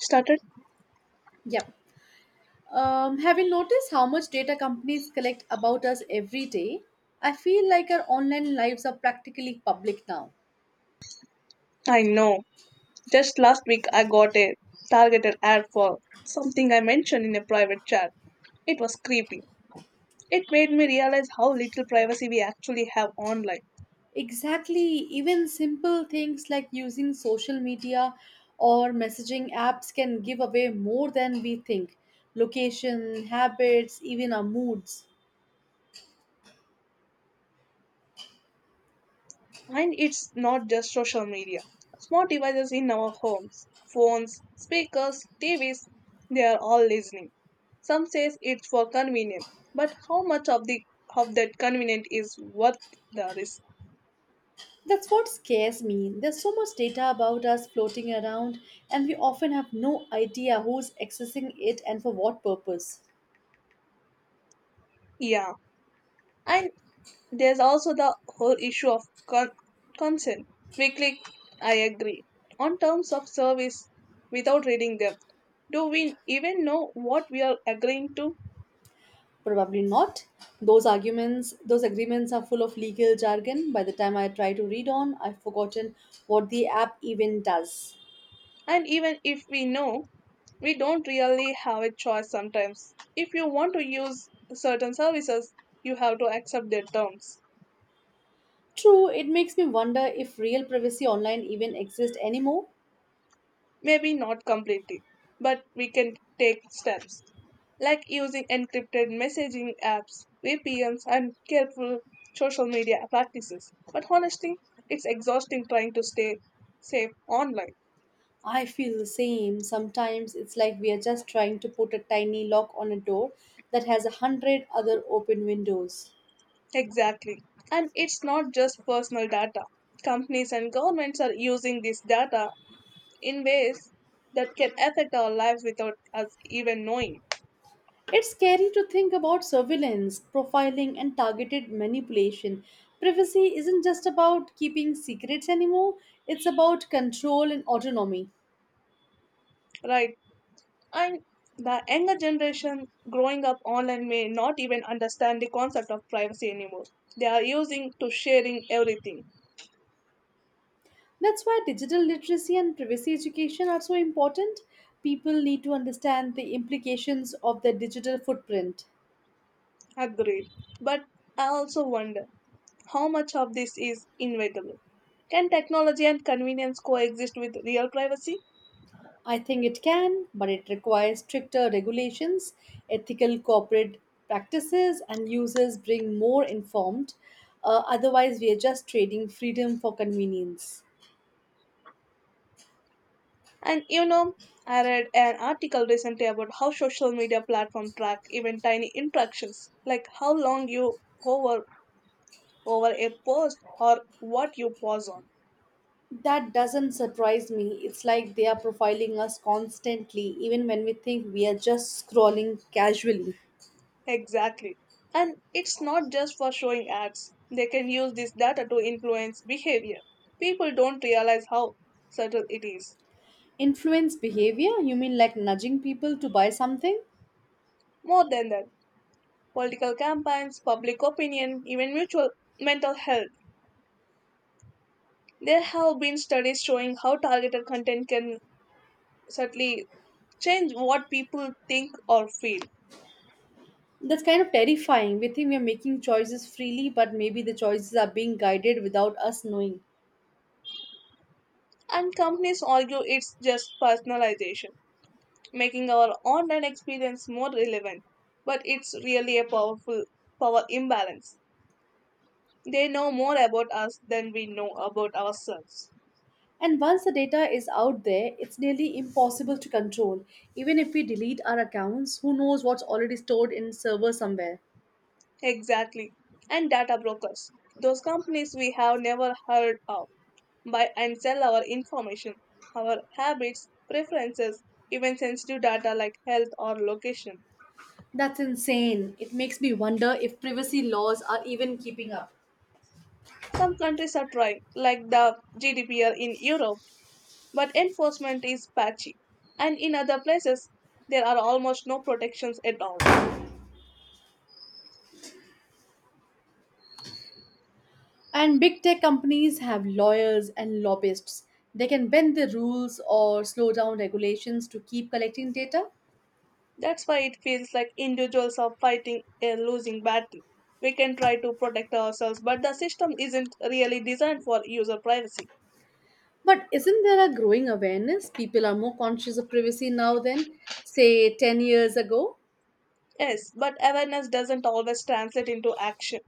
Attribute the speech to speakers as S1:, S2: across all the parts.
S1: Started?
S2: Yep. Have you noticed how much data companies collect about us every day? I feel like our online lives are practically public now.
S1: I know. Just last week I got a targeted ad for something I mentioned in a private chat. It was creepy. It made me realize how little privacy we actually have online.
S2: Exactly. Even simple things like using social media or messaging apps can give away more than we think location, habits, even our moods.
S1: And it's not just social media. Smart devices in our homes, phones, speakers, TVs, they are all listening. Some says it's for convenience, but how much of the of that convenient is worth the risk?
S2: That's what scares me. There's so much data about us floating around, and we often have no idea who's accessing it and for what purpose.
S1: Yeah, I there's also the whole issue of con- consent. We click, I agree, on terms of service without reading them. Do we even know what we are agreeing to?
S2: Probably not. Those arguments, those agreements are full of legal jargon. By the time I try to read on, I've forgotten what the app even does.
S1: And even if we know, we don't really have a choice sometimes. If you want to use certain services, you have to accept their terms.
S2: True, it makes me wonder if real privacy online even exists anymore.
S1: Maybe not completely, but we can take steps like using encrypted messaging apps, VPNs, and careful social media practices. But honestly, it's exhausting trying to stay safe online.
S2: I feel the same. Sometimes it's like we are just trying to put a tiny lock on a door that has a hundred other open windows.
S1: Exactly. And it's not just personal data. Companies and governments are using this data in ways that can affect our lives without us even knowing.
S2: It's scary to think about surveillance, profiling, and targeted manipulation. Privacy isn't just about keeping secrets anymore, it's about control and autonomy.
S1: Right? And the younger generation growing up online may not even understand the concept of privacy anymore. They are using to sharing everything.
S2: That's why digital literacy and privacy education are so important. People need to understand the implications of their digital footprint.
S1: Agreed. But I also wonder how much of this is inevitable. Can technology and convenience coexist with real privacy?
S2: I think it can, but it requires stricter regulations, ethical corporate practices, and users being more informed. Otherwise, we are just trading freedom for convenience.
S1: And I read an article recently about how social media platforms track even tiny interactions, like how long you hover over a post or what you pause on.
S2: That doesn't surprise me. It's like they are profiling us constantly, even when we think we are just scrolling casually.
S1: Exactly. And it's not just for showing ads. They can use this data to influence behavior. People don't realize how subtle it is.
S2: Influence behavior? You mean like nudging people to buy something?
S1: More than that, political campaigns, public opinion, even mutual mental health. There have been studies showing how targeted content can subtly change what people think or feel.
S2: That's kind of terrifying. We think we are making choices freely, but maybe the choices are being guided without us knowing.
S1: And companies argue it's just personalization, making our online experience more relevant. But it's really a power imbalance. They know more about us than we know about ourselves.
S2: And once the data is out there, it's nearly impossible to control. Even if we delete our accounts, who knows what's already stored in server somewhere.
S1: Exactly. And data brokers, those companies we have never heard of, buy and sell our information, our habits, preferences, even sensitive data like health or location.
S2: That's insane. It makes me wonder if privacy laws are even keeping up.
S1: Some countries are trying, like the GDPR in Europe, but enforcement is patchy. And in other places, there are almost no protections at all.
S2: And big tech companies have lawyers and lobbyists. They can bend the rules or slow down regulations to keep collecting data.
S1: That's why it feels like individuals are fighting a losing battle. We can try to protect ourselves, but the system isn't really designed for user privacy.
S2: But isn't there a growing awareness? People are more conscious of privacy now than, say, 10 years ago.
S1: Yes, but awareness doesn't always translate into action.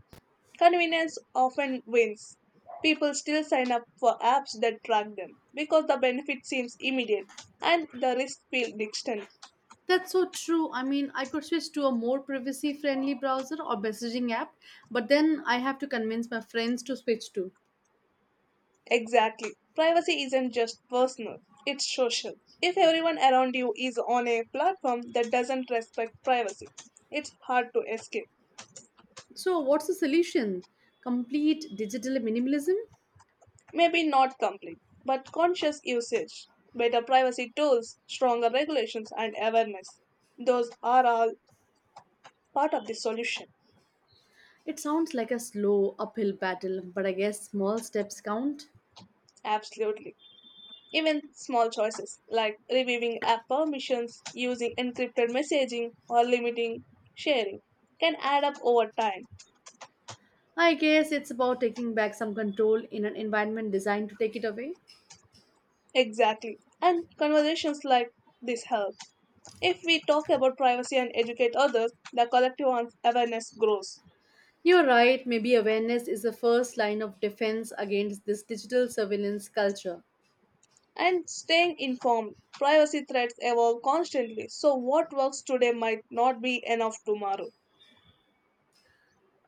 S1: Convenience often wins. People still sign up for apps that track them because the benefit seems immediate and the risk feels distant.
S2: That's so true. I mean, I could switch to a more privacy friendly browser or messaging app, but then I have to convince my friends to switch too.
S1: Exactly. Privacy isn't just personal, it's social. If everyone around you is on a platform that doesn't respect privacy, it's hard to escape.
S2: So, what's the solution? Complete digital minimalism?
S1: Maybe not complete, but conscious usage, better privacy tools, stronger regulations, and awareness. Those are all part of the solution.
S2: It sounds like a slow uphill battle, but I guess small steps count.
S1: Absolutely. Even small choices like reviewing app permissions, using encrypted messaging, or limiting sharing can add up over time.
S2: I guess it's about taking back some control in an environment designed to take it away.
S1: Exactly. And conversations like this help. If we talk about privacy and educate others, the collective awareness grows.
S2: You're right, maybe awareness is the first line of defense against this digital surveillance culture.
S1: And staying informed, privacy threats evolve constantly, so what works today might not be enough tomorrow.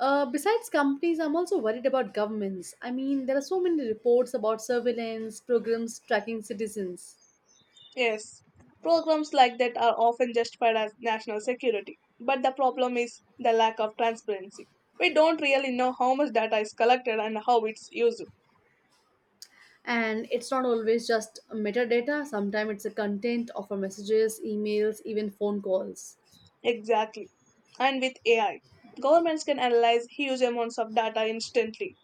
S2: Besides companies, I'm also worried about governments. I mean, there are so many reports about surveillance programs tracking citizens.
S1: Yes, programs like that are often justified as national security, but the problem is the lack of transparency. We don't really know how much data is collected and how it's used.
S2: And it's not always just metadata, sometimes it's the content of our messages, emails, even phone calls.
S1: Exactly. And with AI, governments can analyze huge amounts of data instantly,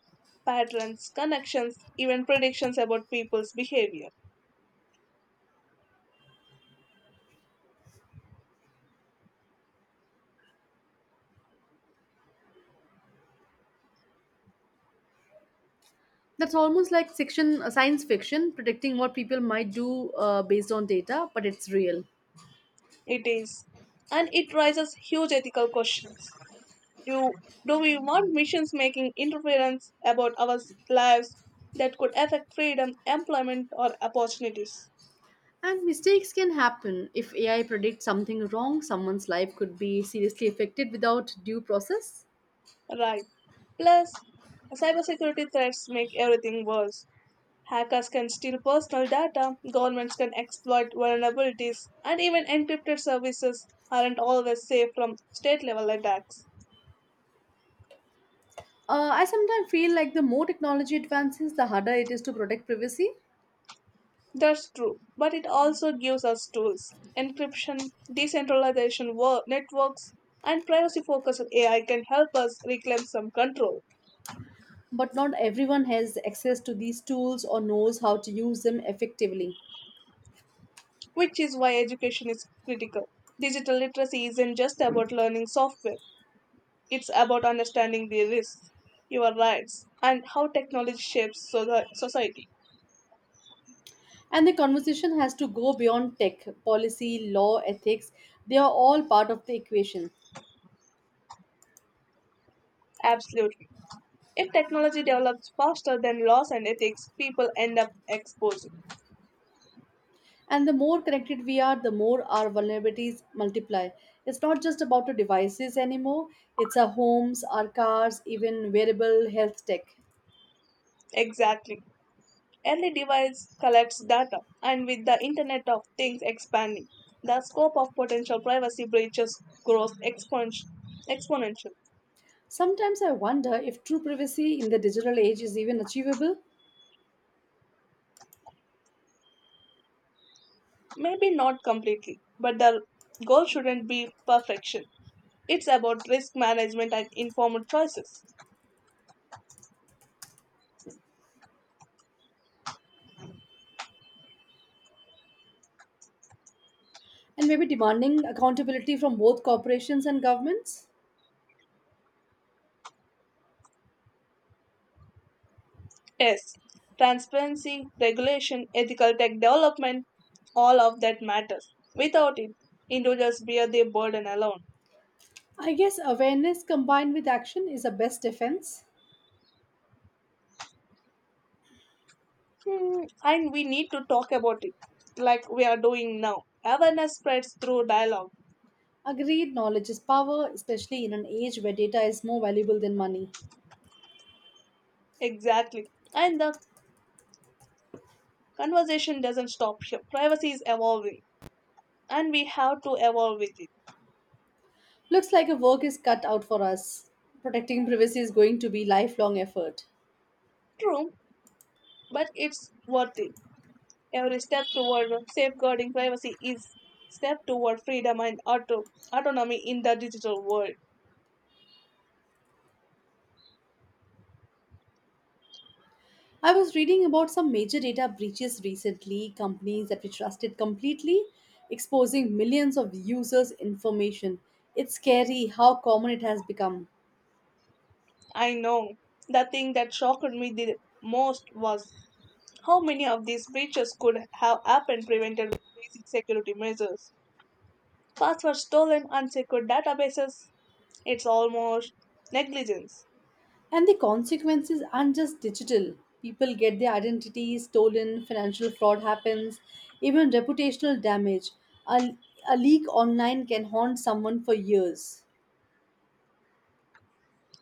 S1: patterns, connections, even predictions about people's behavior.
S2: That's almost like section, science fiction, predicting what people might do based on data, but it's real.
S1: It is. And it raises huge ethical questions. Do, do we want machines making interference about our lives that could affect freedom, employment, or opportunities?
S2: And mistakes can happen. If AI predicts something wrong, someone's life could be seriously affected without due process.
S1: Right. Plus, cybersecurity threats make everything worse. Hackers can steal personal data, governments can exploit vulnerabilities, and even encrypted services aren't always safe from state level attacks.
S2: I sometimes feel like the more technology advances, the harder it is to protect privacy,
S1: That's true, but it also gives us tools. Encryption, decentralization networks, and privacy focused AI can help us reclaim some control,
S2: but not everyone has access to these tools or knows how to use them effectively.
S1: which is why education is critical. Digital literacy isn't just about learning software, it's about understanding the risks, your rights, and how technology shapes society.
S2: And the conversation has to go beyond tech, policy, law, ethics, they are all part of the equation.
S1: Absolutely. If technology develops faster than laws and ethics, people end up exposing.
S2: And the more connected we are, the more our vulnerabilities multiply. It's not just about the devices anymore, it's our homes, our cars, even wearable health tech.
S1: Exactly. Every device collects data, and with the Internet of Things expanding, the scope of potential privacy breaches grows exponential.
S2: Sometimes I wonder if true privacy in the digital age is even achievable
S1: Maybe not completely, but the goal shouldn't be perfection. It's about risk management and informed choices.
S2: and maybe demanding accountability from both corporations and governments.
S1: Yes, transparency, regulation, ethical tech development, all of that matters. Without it, individuals bear their burden alone.
S2: I guess awareness combined with action is the best defense.
S1: Hmm, and we need to talk about it, like we are doing now. Awareness spreads through dialogue.
S2: Agreed, knowledge is power, especially in an age where data is more valuable than money.
S1: Exactly. And the conversation doesn't stop here. Privacy is evolving, and we have to evolve with it.
S2: Looks like a work is cut out for us. Protecting privacy is going to be lifelong effort.
S1: True, but it's worth it. Every step toward safeguarding privacy is step toward freedom and autonomy in the digital world.
S2: I was reading about some major data breaches recently, companies that we trusted completely exposing millions of users' information. It's scary how common it has become.
S1: I know, the thing that shocked me the most was how many of these breaches could have happened prevented with basic security measures. Passwords stolen, unsecured databases, it's almost negligence.
S2: And the consequences aren't just digital. People get their identities stolen, financial fraud happens, even reputational damage. A, a leak online can haunt someone for years.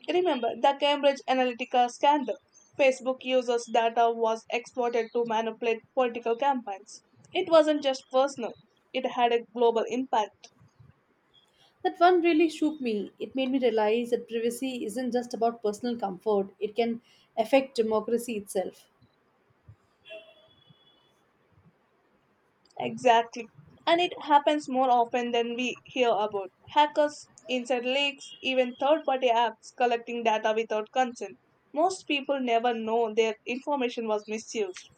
S1: Remember the Cambridge Analytica scandal? Facebook users' data was exploited to manipulate political campaigns. It wasn't just personal, it had a global impact.
S2: That one really shook me. It made me realize that privacy isn't just about personal comfort, it can affect democracy itself.
S1: Exactly. And it happens more often than we hear about. Hackers, inside leaks, even third party apps collecting data without consent. Most people never know their information was misused.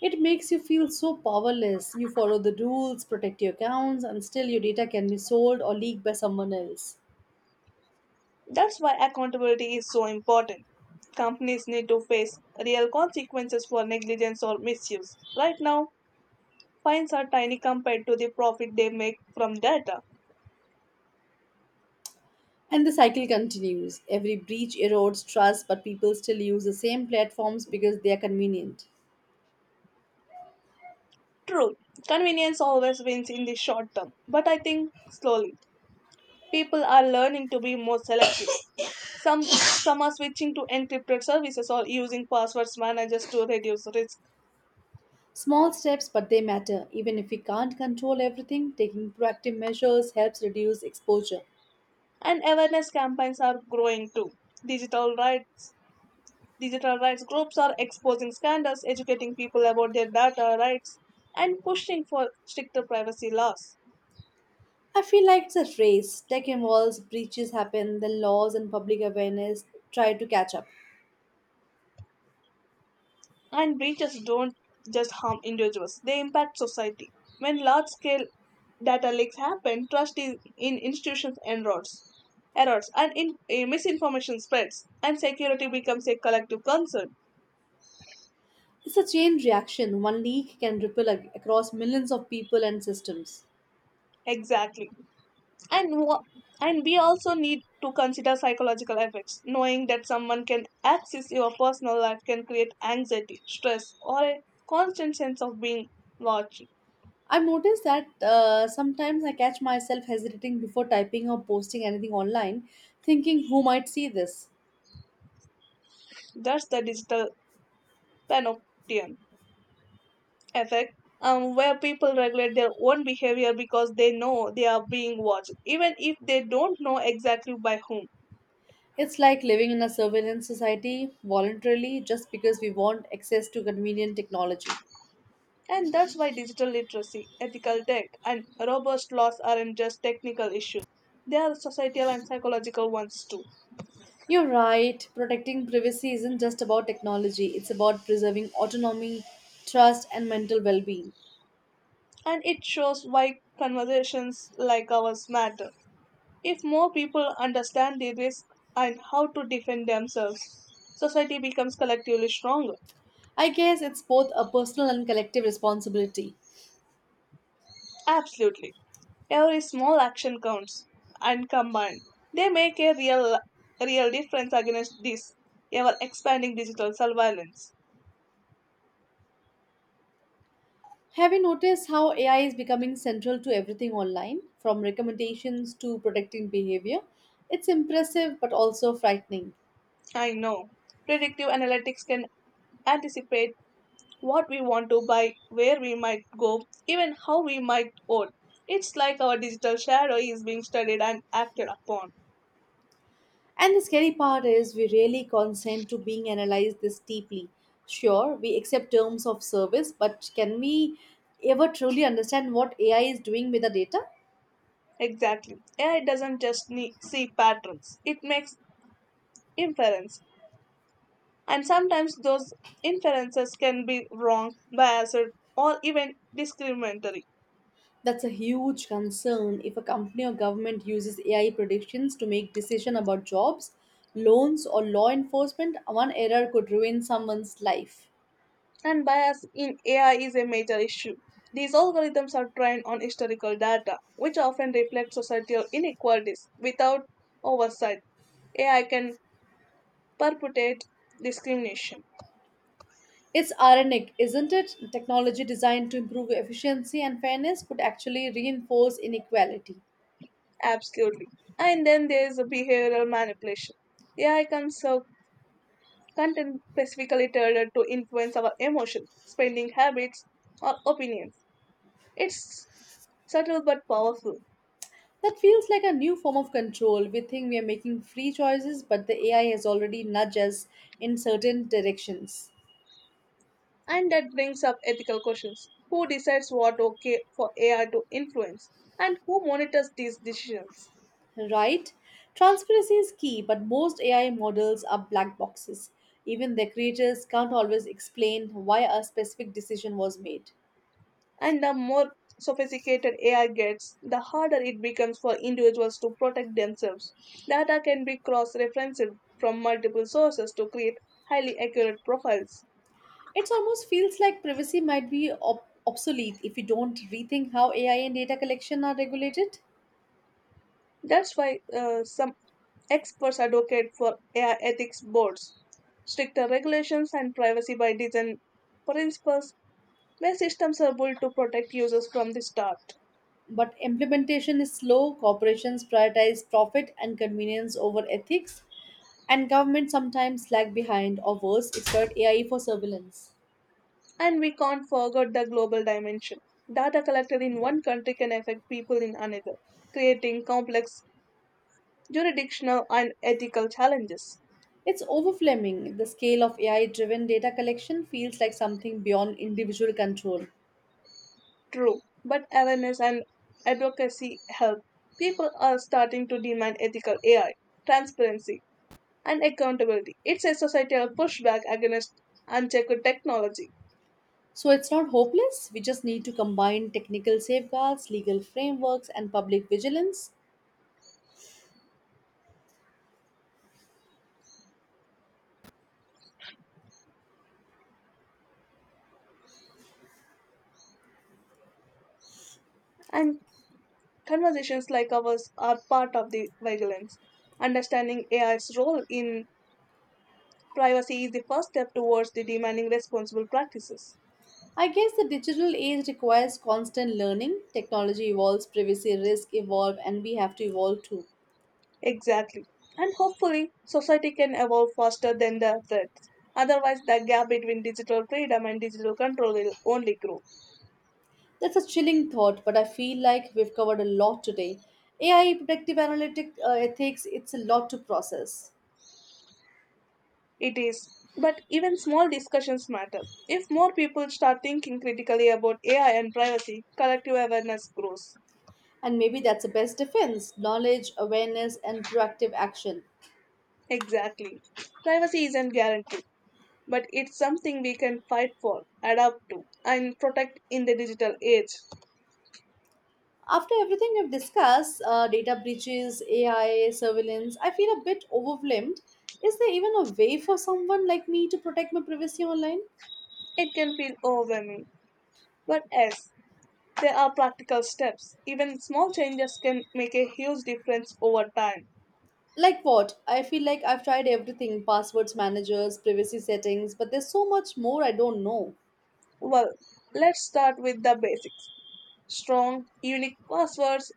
S2: It makes you feel so powerless. You follow the rules, protect your accounts, and still your data can be sold or leaked by someone else.
S1: That's why accountability is so important. Companies need to face real consequences for negligence or misuse. Right now, fines are tiny compared to the profit they make from data.
S2: And the cycle continues. Every breach erodes trust, but people still use the same platforms because they are convenient.
S1: True, convenience always wins in the short term, but I think slowly. People are learning to be more selective. Some are switching to encrypted services or using passwords managers to reduce risk.
S2: Small steps, but they matter. Even if we can't control everything, taking proactive measures helps reduce exposure.
S1: And awareness campaigns are growing too. Digital rights Digital rights groups are exposing scandals, educating people about their data rights, and pushing for stricter privacy laws.
S2: I feel like it's a race. Tech evolves, breaches happen, then laws and public awareness try to catch up.
S1: And breaches don't just harm individuals, they impact society. When large scale data leaks happen, trust is in institutions erodes, and misinformation spreads, and security becomes a collective concern.
S2: It's a chain reaction. One leak can ripple across millions of people and systems.
S1: Exactly. and what and we also need to consider psychological effects. Knowing that someone can access your personal life can create anxiety, stress, or a constant sense of being watched.
S2: I've noticed that sometimes I catch myself hesitating before typing or posting anything online, thinking who might see this.
S1: That's the digital panoptian effect, where people regulate their own behavior because they know they are being watched, even if they don't know exactly by whom.
S2: It's like living in a surveillance society voluntarily just because we want access to convenient technology.
S1: And that's why digital literacy, ethical tech, and robust laws aren't just technical issues, they are societal and psychological ones too.
S2: You're right, protecting privacy isn't just about technology, it's about preserving autonomy, trust, and mental well being.
S1: And it shows why conversations like ours matter. If more people understand the risk and how to defend themselves, society becomes collectively stronger.
S2: I guess it's both a personal and collective responsibility.
S1: Absolutely. Every small action counts and combined. They make a real difference against this ever expanding digital surveillance.
S2: Have you noticed how AI is becoming central to everything online, from recommendations to predicting behavior? It's impressive but also frightening.
S1: I know. Predictive analytics can anticipate what we want to buy, where we might go, even how we might vote. It's like our digital shadow is being studied and acted upon.
S2: And the scary part is we rarely consent to being analyzed this deeply. Sure, we accept terms of service, but can we ever truly understand what AI is doing with the data?
S1: Exactly. AI doesn't just see patterns, it makes inference. And sometimes those inferences can be wrong, biased, or even discriminatory.
S2: That's a huge concern if a company or government uses AI predictions to make decisions about jobs, loans, or law enforcement. One error could ruin someone's life.
S1: And bias in AI is a major issue. These algorithms are trained on historical data, which often reflect societal inequalities without oversight. AI can perpetuate discrimination.
S2: It's ironic, isn't it? Technology designed to improve efficiency and fairness could actually reinforce inequality.
S1: Absolutely. And then there is a behavioral manipulation. AI can serve content specifically tailored to influence our emotions, spending habits, or opinions. It's subtle but powerful.
S2: That feels like a new form of control. We think we are making free choices, but the AI has already nudged us in certain directions.
S1: And that brings up ethical questions. Who decides what okay for AI to influence? And who monitors these decisions?
S2: Right? Transparency is key, but most AI models are black boxes. Even their creators can't always explain why a specific decision was made.
S1: And the more sophisticated AI gets, the harder it becomes for individuals to protect themselves. Data can be cross referenced from multiple sources to create highly accurate profiles.
S2: It almost feels like privacy might be obsolete if we don't rethink how AI and data collection are regulated.
S1: That's why some experts advocate for AI ethics boards, stricter regulations, and privacy by design principles where systems are built to protect users from the start.
S2: But implementation is slow, corporations prioritize profit and convenience over ethics, and governments sometimes lag behind or worse, exploit AI for surveillance.
S1: And we can't forget the global dimension. Data collected in one country can affect people in another, creating complex jurisdictional and ethical challenges.
S2: It's overwhelming. The scale of AI driven data collection feels like something beyond individual control.
S1: True, but awareness and advocacy help. People are starting to demand ethical AI, transparency, and accountability. It's a societal pushback against unchecked technology,
S2: So it's not hopeless. We just need to combine technical safeguards, legal frameworks, and public vigilance.
S1: and conversations like ours are part of the vigilance. Understanding AI's role in privacy is the first step towards the demanding responsible practices.
S2: I guess the digital age requires constant learning. Technology evolves, privacy risks evolve, and we have to evolve too.
S1: Exactly. And hopefully, society can evolve faster than the threats. Otherwise, the gap between digital freedom and digital control will only grow.
S2: That's a chilling thought, but I feel like we've covered a lot today. AI, predictive analytic ethics, it's a lot to process.
S1: It is. But even small discussions matter. If more people start thinking critically about AI and privacy, collective awareness grows.
S2: And maybe that's the best defense knowledge, awareness, and proactive action.
S1: Exactly. Privacy isn't guaranteed, but it's something we can fight for, adapt to, and protect in the digital age.
S2: After everything we've discussed data breaches, AI, surveillance I feel a bit overwhelmed. Is there even a way for someone like me to protect my privacy online?
S1: It can feel overwhelming. But yes, there are practical steps. Even small changes can make a huge difference over time.
S2: Like what? I feel like I've tried everything passwords, managers, privacy settings, but there's so much more I don't know.
S1: Well, let's start with the basics. Strong, unique passwords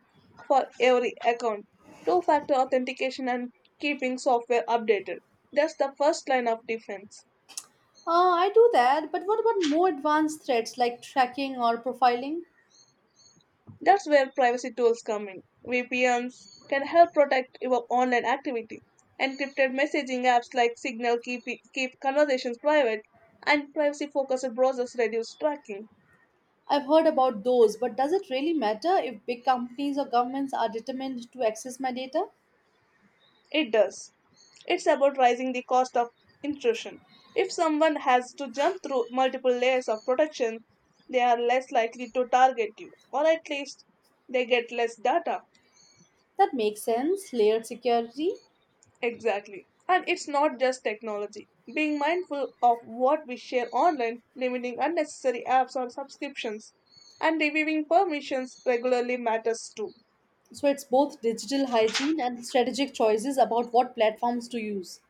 S1: for every account. Two factor authentication and keeping software updated. That's the first line of defense.
S2: I do that, but what about more advanced threats like tracking or profiling?
S1: That's where privacy tools come in. VPNs can help protect your online activity. Encrypted messaging apps like Signal keep conversations private, and privacy focused browsers reduce tracking.
S2: I've heard about those, but does it really matter if big companies or governments are determined to access my data?
S1: It does. It's about rising the cost of intrusion. If someone has to jump through multiple layers of protection, they are less likely to target you, or at least they get less data.
S2: That makes sense, layered security.
S1: Exactly. And it's not just technology. Being mindful of what we share online, limiting unnecessary apps or subscriptions, and reviewing permissions regularly matters too.
S2: So it's both digital hygiene and strategic choices about what platforms to use.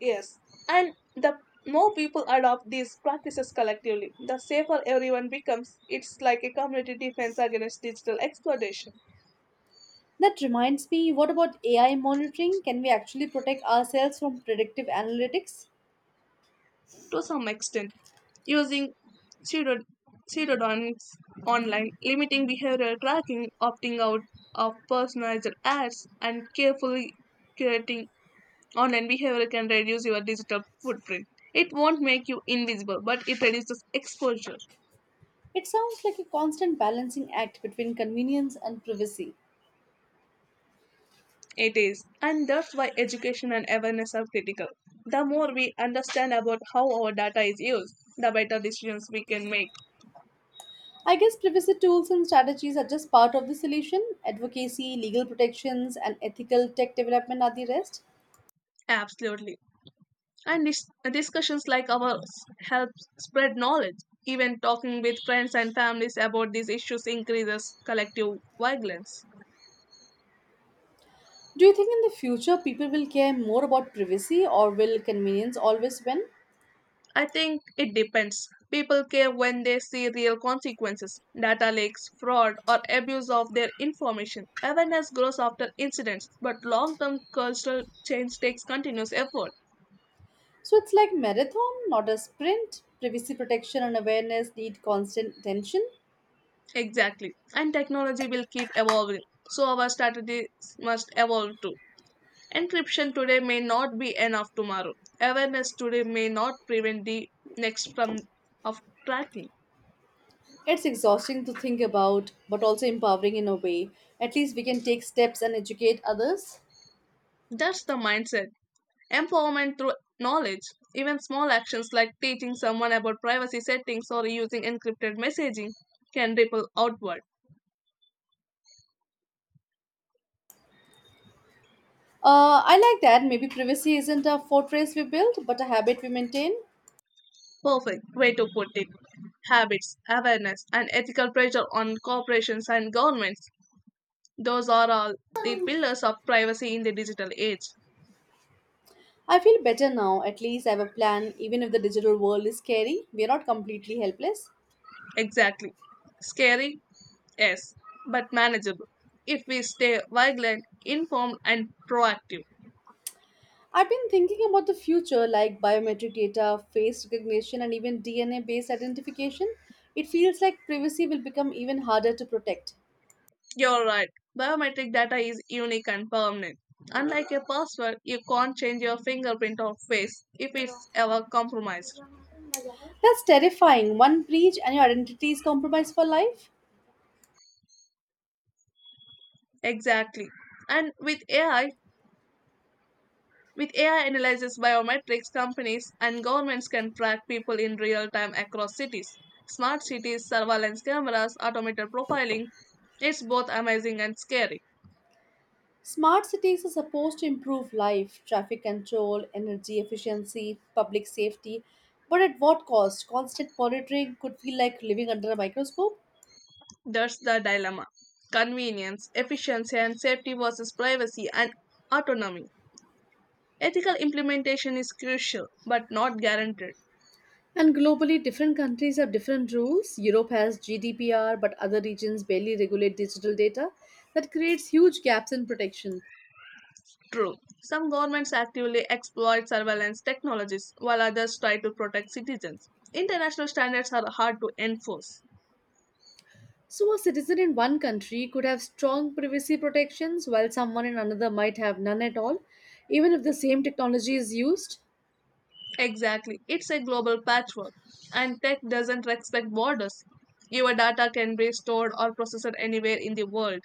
S1: Yes, and the more people adopt these practices collectively, the safer everyone becomes. It's like a community defense against digital exploitation
S2: That reminds me, what about AI monitoring? Can we actually protect ourselves from predictive analytics?
S1: to some extent. Using pseudo- pseudonyms online, limiting behavioral tracking, opting out of personalized ads, and carefully curating online behavior can reduce your digital footprint. It won't make you invisible, but it reduces exposure.
S2: It sounds like a constant balancing act between convenience and privacy.
S1: It is, and that's why education and awareness are critical. The more we understand about how our data is used, the better decisions we can make.
S2: I guess privacy tools and strategies are just part of the solution. Advocacy, legal protections, and ethical tech development are the rest.
S1: Absolutely. And discussions like ours help spread knowledge. Even talking with friends and families about these issues increases collective vigilance.
S2: Do you think in the future people will care more about privacy or will convenience always win?
S1: I think it depends. People care when they see real consequences, data leaks, fraud, or abuse of their information. Awareness grows after incidents, but long term cultural change takes continuous effort.
S2: So it's like marathon, not a sprint. Privacy protection and awareness need constant attention.
S1: Exactly. And technology will keep evolving, so our strategies must evolve too. Encryption today may not be enough tomorrow. Awareness today may not prevent the next from of tracking.
S2: It's exhausting to think about, but also empowering in a way. At least we can take steps and educate others.
S1: That's the mindset. Empowerment through knowledge. Even small actions like teaching someone about privacy settings or using encrypted messaging can ripple outward.
S2: I like that. Maybe privacy isn't a fortress we build, but a habit we maintain.
S1: Perfect way to put it. Habits, awareness, and ethical pressure on corporations and governments. Those are all the pillars of privacy in the digital age.
S2: I feel better now. At least I have a plan, even if the digital world is scary. We are not completely helpless.
S1: Exactly. Scary? Yes, but manageable if we stay vigilant, informed, and proactive.
S2: I've been thinking about the future, like biometric data, face recognition, and even DNA based identification. It feels like privacy will become even harder to protect.
S1: You're right. Biometric data is unique and permanent. Unlike a password, you can't change your fingerprint or face if it's ever compromised.
S2: That's terrifying. One breach and your identity is compromised for life.
S1: Exactly. And with AI analyzes biometrics, companies and governments can track people in real time across cities. Smart cities, surveillance cameras, automated profiling. It's both amazing and scary.
S2: Smart cities are supposed to improve life, traffic control, energy efficiency, public safety, but at what cost? Constant monitoring could feel like living under a microscope.
S1: That's the dilemma. Convenience, efficiency, and safety versus privacy and autonomy. Ethical implementation is crucial but not guaranteed.
S2: And globally, different countries have different rules. Europe has GDPR, but other regions barely regulate digital data. That creates huge gaps in protection.
S1: True, some governments actively exploit surveillance technologies while others try to protect citizens. International standards are hard to enforce.
S2: So, a citizen in one country could have strong privacy protections, while someone in another might have none at all, even if the same technology is used.
S1: Exactly, it's a global patchwork, and tech doesn't respect borders. Your data can be stored or processed anywhere in the world.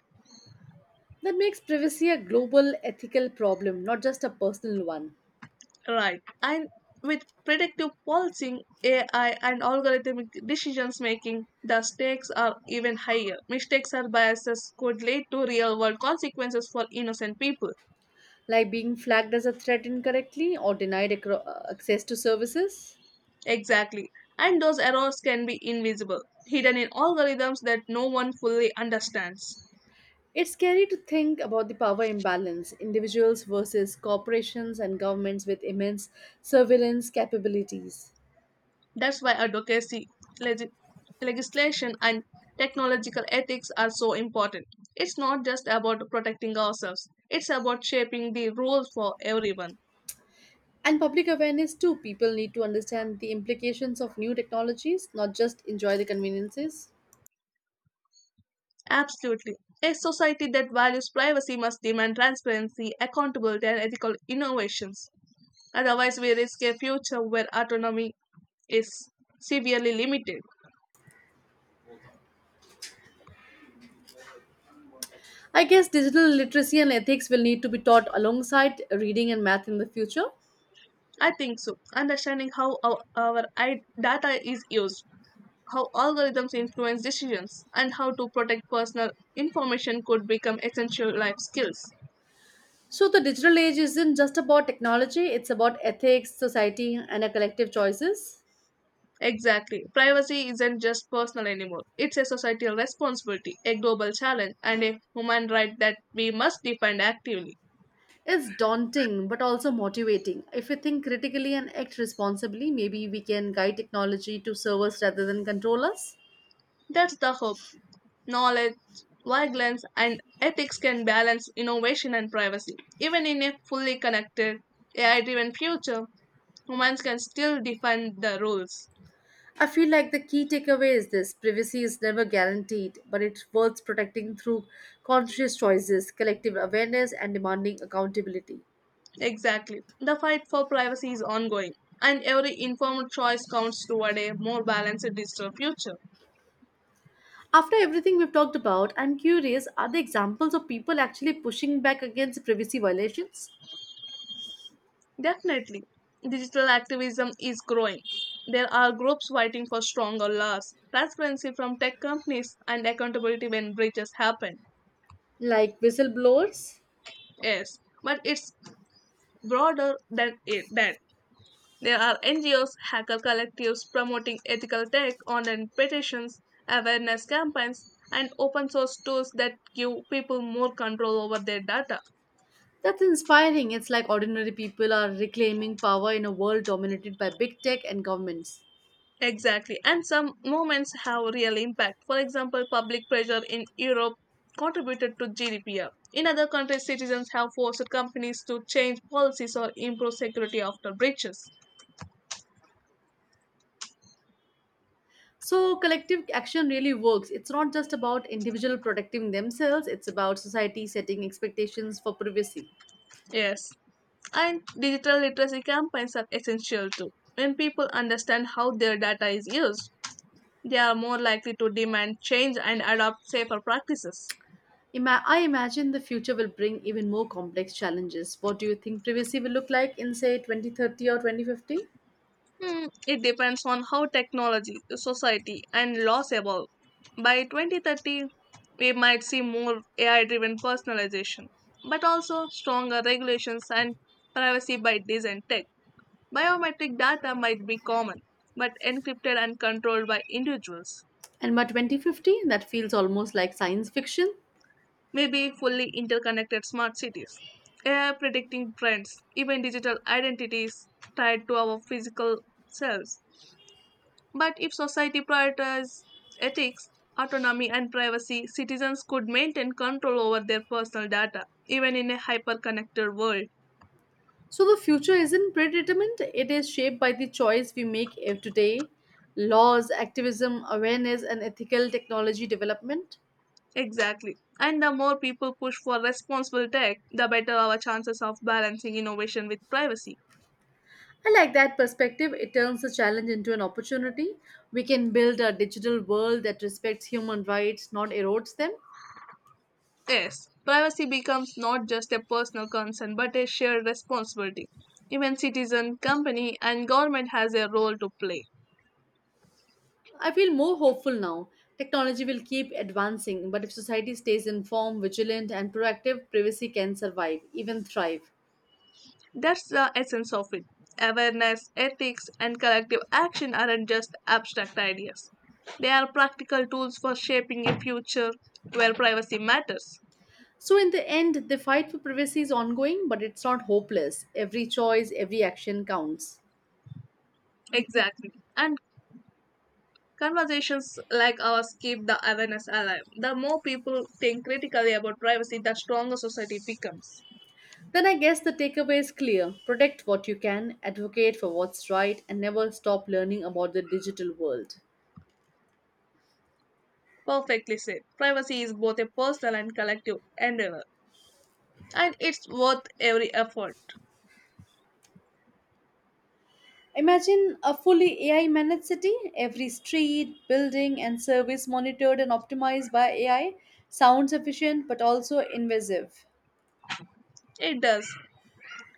S2: That makes privacy a global ethical problem, not just a personal one,
S1: Right. And with predictive policing, AI, and algorithmic decisions making, the stakes are even higher. Mistakes or biases could lead to real world consequences for innocent people.
S2: like being flagged as a threat incorrectly or denied access to services.
S1: Exactly. And those errors can be invisible, hidden in algorithms that no one fully understands.
S2: It's scary to think about the power imbalance, individuals versus corporations and governments with immense surveillance capabilities.
S1: That's why advocacy, legi- legislation, and technological ethics are so important. It's not just about protecting ourselves, it's about shaping the rules for everyone.
S2: And public awareness too. People need to understand the implications of new technologies, not just enjoy the conveniences.
S1: Absolutely. A society that values privacy must demand transparency, accountability, and ethical innovations. Otherwise, we risk a future where autonomy is severely limited.
S2: I guess digital literacy and ethics will need to be taught alongside reading and math in the future.
S1: I think so. Understanding how our data is used, how algorithms influence decisions, and how to protect personal information could become essential life skills.
S2: So the digital age isn't just about technology, it's about ethics, society, and our collective choices.
S1: Exactly. Privacy isn't just personal anymore. It's a societal responsibility, a global challenge, and a human right that we must defend actively.
S2: It's daunting but also motivating. If we think critically and act responsibly, maybe we can guide technology to serve us rather than control us.
S1: That's the hope. Knowledge, vigilance, and ethics can balance innovation and privacy. Even in a fully connected, AI driven future, humans can still define the rules.
S2: I feel like the key takeaway is this: privacy is never guaranteed, but it's worth protecting through conscious choices, collective awareness, and demanding accountability.
S1: Exactly. The fight for privacy is ongoing, and every informed choice counts toward a more balanced digital future.
S2: After everything we've talked about, I'm curious, are there examples of people actually pushing back against privacy violations?
S1: Definitely, digital activism is growing. There are groups fighting for stronger laws, transparency from tech companies, and accountability when breaches happen.
S2: Like whistleblowers?
S1: Yes, but it's broader than that. There are NGOs, hacker collectives promoting ethical tech, online petitions, awareness campaigns, and open source tools that give people more control over their data.
S2: That's inspiring. It's like ordinary people are reclaiming power in a world dominated by big tech and governments.
S1: Exactly. And some moments have real impact. For example, public pressure in Europe contributed to GDPR. In other countries, citizens have forced companies to change policies or improve security after breaches.
S2: So, collective action really works. It's not just about individual protecting themselves, it's about society setting expectations for privacy.
S1: Yes. And digital literacy campaigns are essential too. When people understand how their data is used, they are more likely to demand change and adopt safer practices.
S2: I imagine the future will bring even more complex challenges. What do you think privacy will look like in, say, 2030 or 2050?
S1: It depends on how technology, society, and laws evolve. By 2030, we might see more AI driven personalization, but also stronger regulations and privacy by design tech. Biometric data might be common, but encrypted and controlled by individuals.
S2: And by 2050, that feels almost like science fiction.
S1: Maybe fully interconnected smart cities. AI predicting trends, even digital identities tied to our physical selves. But if society prioritized ethics, autonomy, and privacy, citizens could maintain control over their personal data, even in a hyper connected world.
S2: So the future isn't predetermined, it is shaped by the choice we make today, laws, activism, awareness, and ethical technology development.
S1: Exactly. And the more people push for responsible tech, the better our chances of balancing innovation with privacy.
S2: I like that perspective. It turns the challenge into an opportunity. We can build a digital world that respects human rights, not erodes them.
S1: Yes, privacy becomes not just a personal concern but a shared responsibility. Even citizen, company, and government has a role to play.
S2: I feel more hopeful now. Technology will keep advancing, but if society stays informed, vigilant, and proactive, privacy can survive, even thrive.
S1: That's the essence of it. Awareness, ethics, and collective action aren't just abstract ideas. They are practical tools for shaping a future where privacy matters.
S2: So, in the end, the fight for privacy is ongoing, but it's not hopeless. Every choice, every action counts.
S1: Exactly. And conversations like ours keep the awareness alive. The more people think critically about privacy, the stronger society becomes.
S2: Then I guess the takeaway is clear: protect what you can, advocate for what's right, and never stop learning about the digital world.
S1: Perfectly said. Privacy is both a personal and collective endeavor, and it's worth every effort.
S2: Imagine a fully AI managed city, every street, building, and service monitored and optimized by AI. Sounds efficient but also invasive.
S1: It does.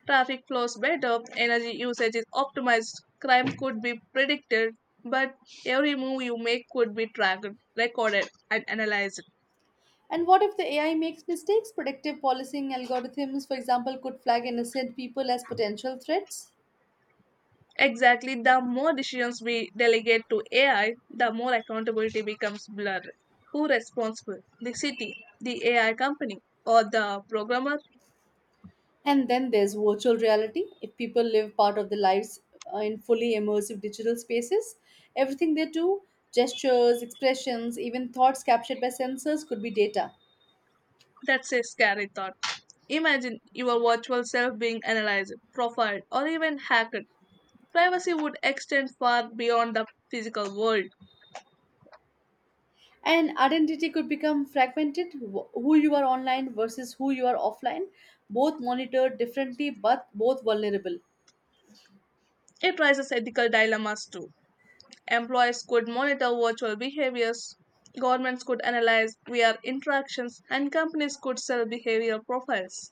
S1: Traffic flows better, energy usage is optimized, crime could be predicted, but every move you make could be tracked, recorded, and analyzed.
S2: And what if the AI makes mistakes? Predictive policing algorithms, for example, could flag innocent people as potential threats.
S1: Exactly, the more decisions we delegate to AI, the more accountability becomes blurred. Who responsible? The city, the AI company, or the programmer?
S2: And then there's virtual reality. If people live part of their lives in fully immersive digital spaces, everything they do, gestures, expressions, even thoughts captured by sensors, could be data.
S1: That's a scary thought. Imagine your virtual self being analyzed, profiled, or even hacked. Privacy would extend far beyond the physical world.
S2: And identity could become fragmented. Who you are online versus who you are offline, both monitored differently but both vulnerable.
S1: It raises ethical dilemmas too. Employees could monitor virtual behaviors, governments could analyze VR interactions, and companies could sell behavioral profiles.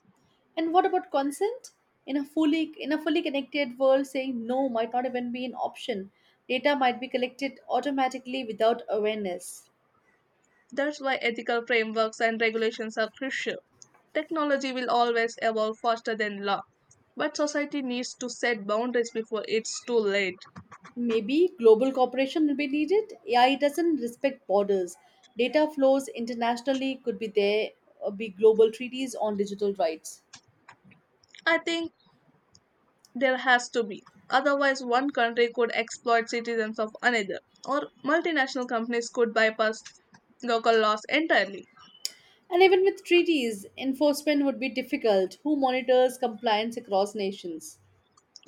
S2: And what about consent? In a fully connected world, saying no might not even be an option. Data might be collected automatically without awareness.
S1: That's why ethical frameworks and regulations are crucial. Technology will always evolve faster than law, but society needs to set boundaries before it's too late.
S2: Maybe global cooperation will be needed. AI doesn't respect borders. Data flows internationally, could be there, be global treaties on digital rights.
S1: I think there has to be. Otherwise, one country could exploit citizens of another, or multinational companies could bypass local laws entirely.
S2: And even with treaties, enforcement would be difficult. Who monitors compliance across nations?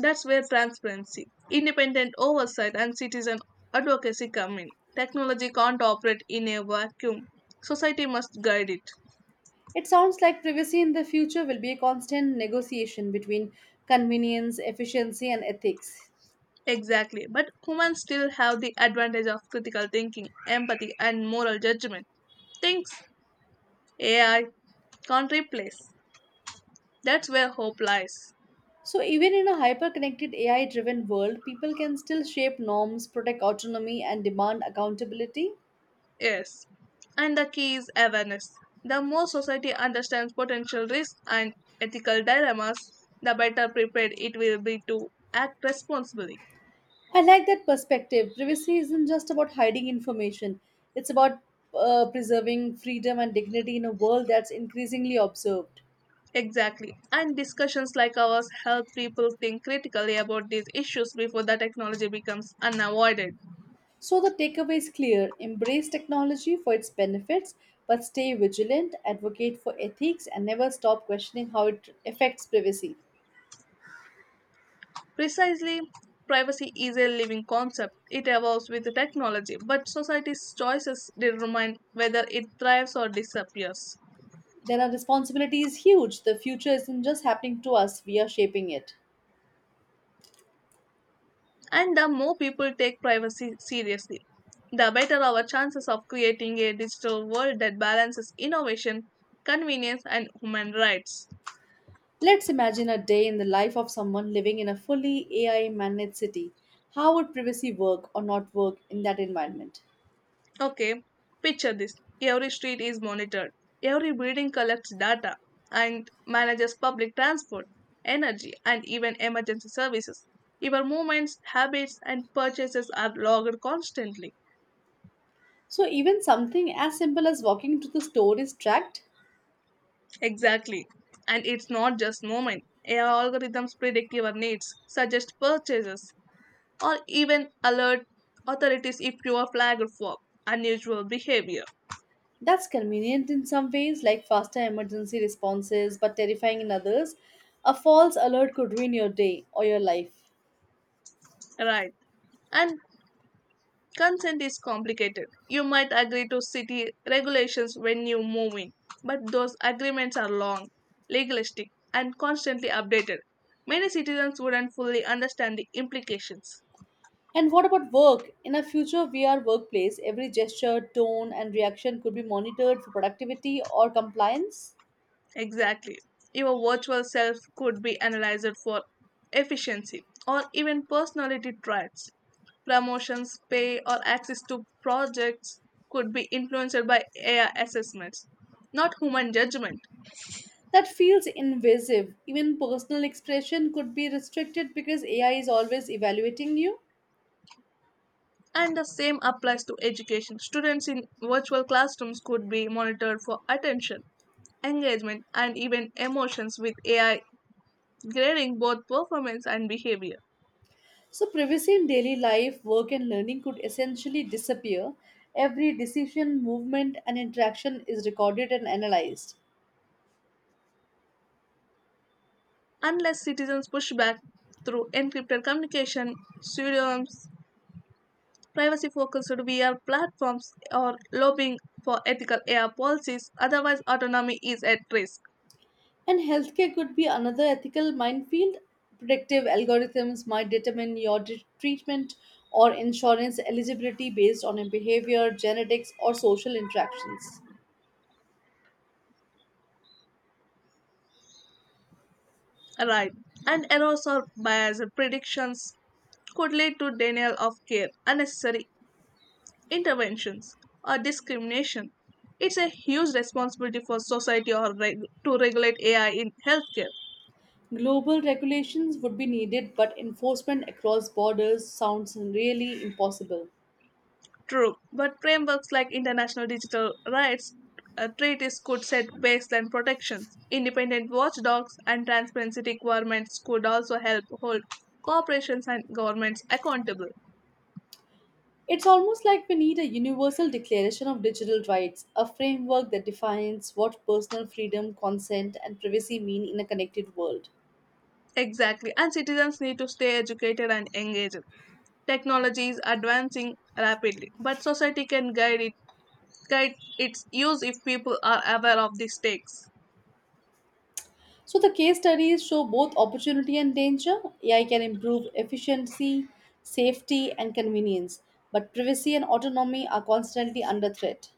S1: That's where transparency, independent oversight, and citizen advocacy come in. Technology can't operate in a vacuum. Society must guide it.
S2: It sounds like privacy in the future will be a constant negotiation between convenience, efficiency, and ethics.
S1: Exactly. But humans still have the advantage of critical thinking, empathy, and moral judgment. Things AI can't replace. That's where hope lies.
S2: So, even in a hyper connected AI driven world, people can still shape norms, protect autonomy, and demand accountability.
S1: Yes. And the key is awareness. The more society understands potential risks and ethical dilemmas, the better prepared it will be to act responsibly.
S2: I like that perspective. Privacy isn't just about hiding information, it's about preserving freedom and dignity in a world that's increasingly observed.
S1: Exactly. And discussions like ours help people think critically about these issues before the technology becomes unavoided.
S2: So, the takeaway is clear: embrace technology for its benefits, but stay vigilant, advocate for ethics, and never stop questioning how it affects privacy.
S1: Precisely, privacy is a living concept. It evolves with the technology, but society's choices determine whether it thrives or disappears.
S2: Then, our responsibility is huge. The future isn't just happening to us, we are shaping it.
S1: And the more people take privacy seriously, the better our chances of creating a digital world that balances innovation, convenience, and human rights.
S2: Let's imagine a day in the life of someone living in a fully AI managed city. How would privacy work or not work in that environment?
S1: Okay, picture this: every street is monitored, every building collects data, and manages public transport, energy, and even emergency services. Your movements, habits, and purchases are logged constantly.
S2: So, even something as simple as walking to the store is tracked.
S1: Exactly. And it's not just movement. AI algorithms predict your needs, suggest purchases, or even alert authorities if you are flagged for unusual behavior.
S2: That's convenient in some ways, like faster emergency responses, but terrifying in others. A false alert could ruin your day or your life.
S1: Right. And consent is complicated. You might agree to city regulations when you move in, but those agreements are long, legalistic, and constantly updated. Many citizens wouldn't fully understand the implications.
S2: And what about work? In a future VR workplace, every gesture, tone, and reaction could be monitored for productivity or compliance.
S1: Exactly. Your virtual self could be analyzed for efficiency or even personality traits. Promotions, pay, or access to projects could be influenced by AI assessments, not human judgment.
S2: That feels invasive. Even personal expression could be restricted because AI is always evaluating you.
S1: And the same applies to education. Students in virtual classrooms could be monitored for attention, engagement, and even emotions with AI grading both performance and behavior.
S2: So, privacy in daily life, work, and learning could essentially disappear. Every decision, movement, and interaction is recorded and analyzed.
S1: Unless citizens push back through encrypted communication, pseudonyms, privacy focused VR platforms, or lobbying for ethical AI policies. Otherwise, autonomy is at risk.
S2: And healthcare could be another ethical minefield. Predictive algorithms might determine your treatment or insurance eligibility based on your behavior, genetics, or social interactions.
S1: Right. And errors or biased predictions could lead to denial of care, unnecessary interventions, or discrimination. It's a huge responsibility for society to regulate AI in healthcare.
S2: Global regulations would be needed, but enforcement across borders sounds really impossible.
S1: True, but frameworks like international digital rights treaties could set baseline protections. Independent watchdogs and transparency requirements could also help hold corporations and governments accountable.
S2: It's almost like we need a universal declaration of digital rights, a framework that defines what personal freedom, consent, and privacy mean in a connected world.
S1: Exactly, and citizens need to stay educated and engaged. Technology is advancing rapidly, but society can guide it guide its use if people are aware of the stakes.
S2: So, the case studies show both opportunity and danger. AI can improve efficiency, safety, and convenience, but privacy and autonomy are constantly under threat.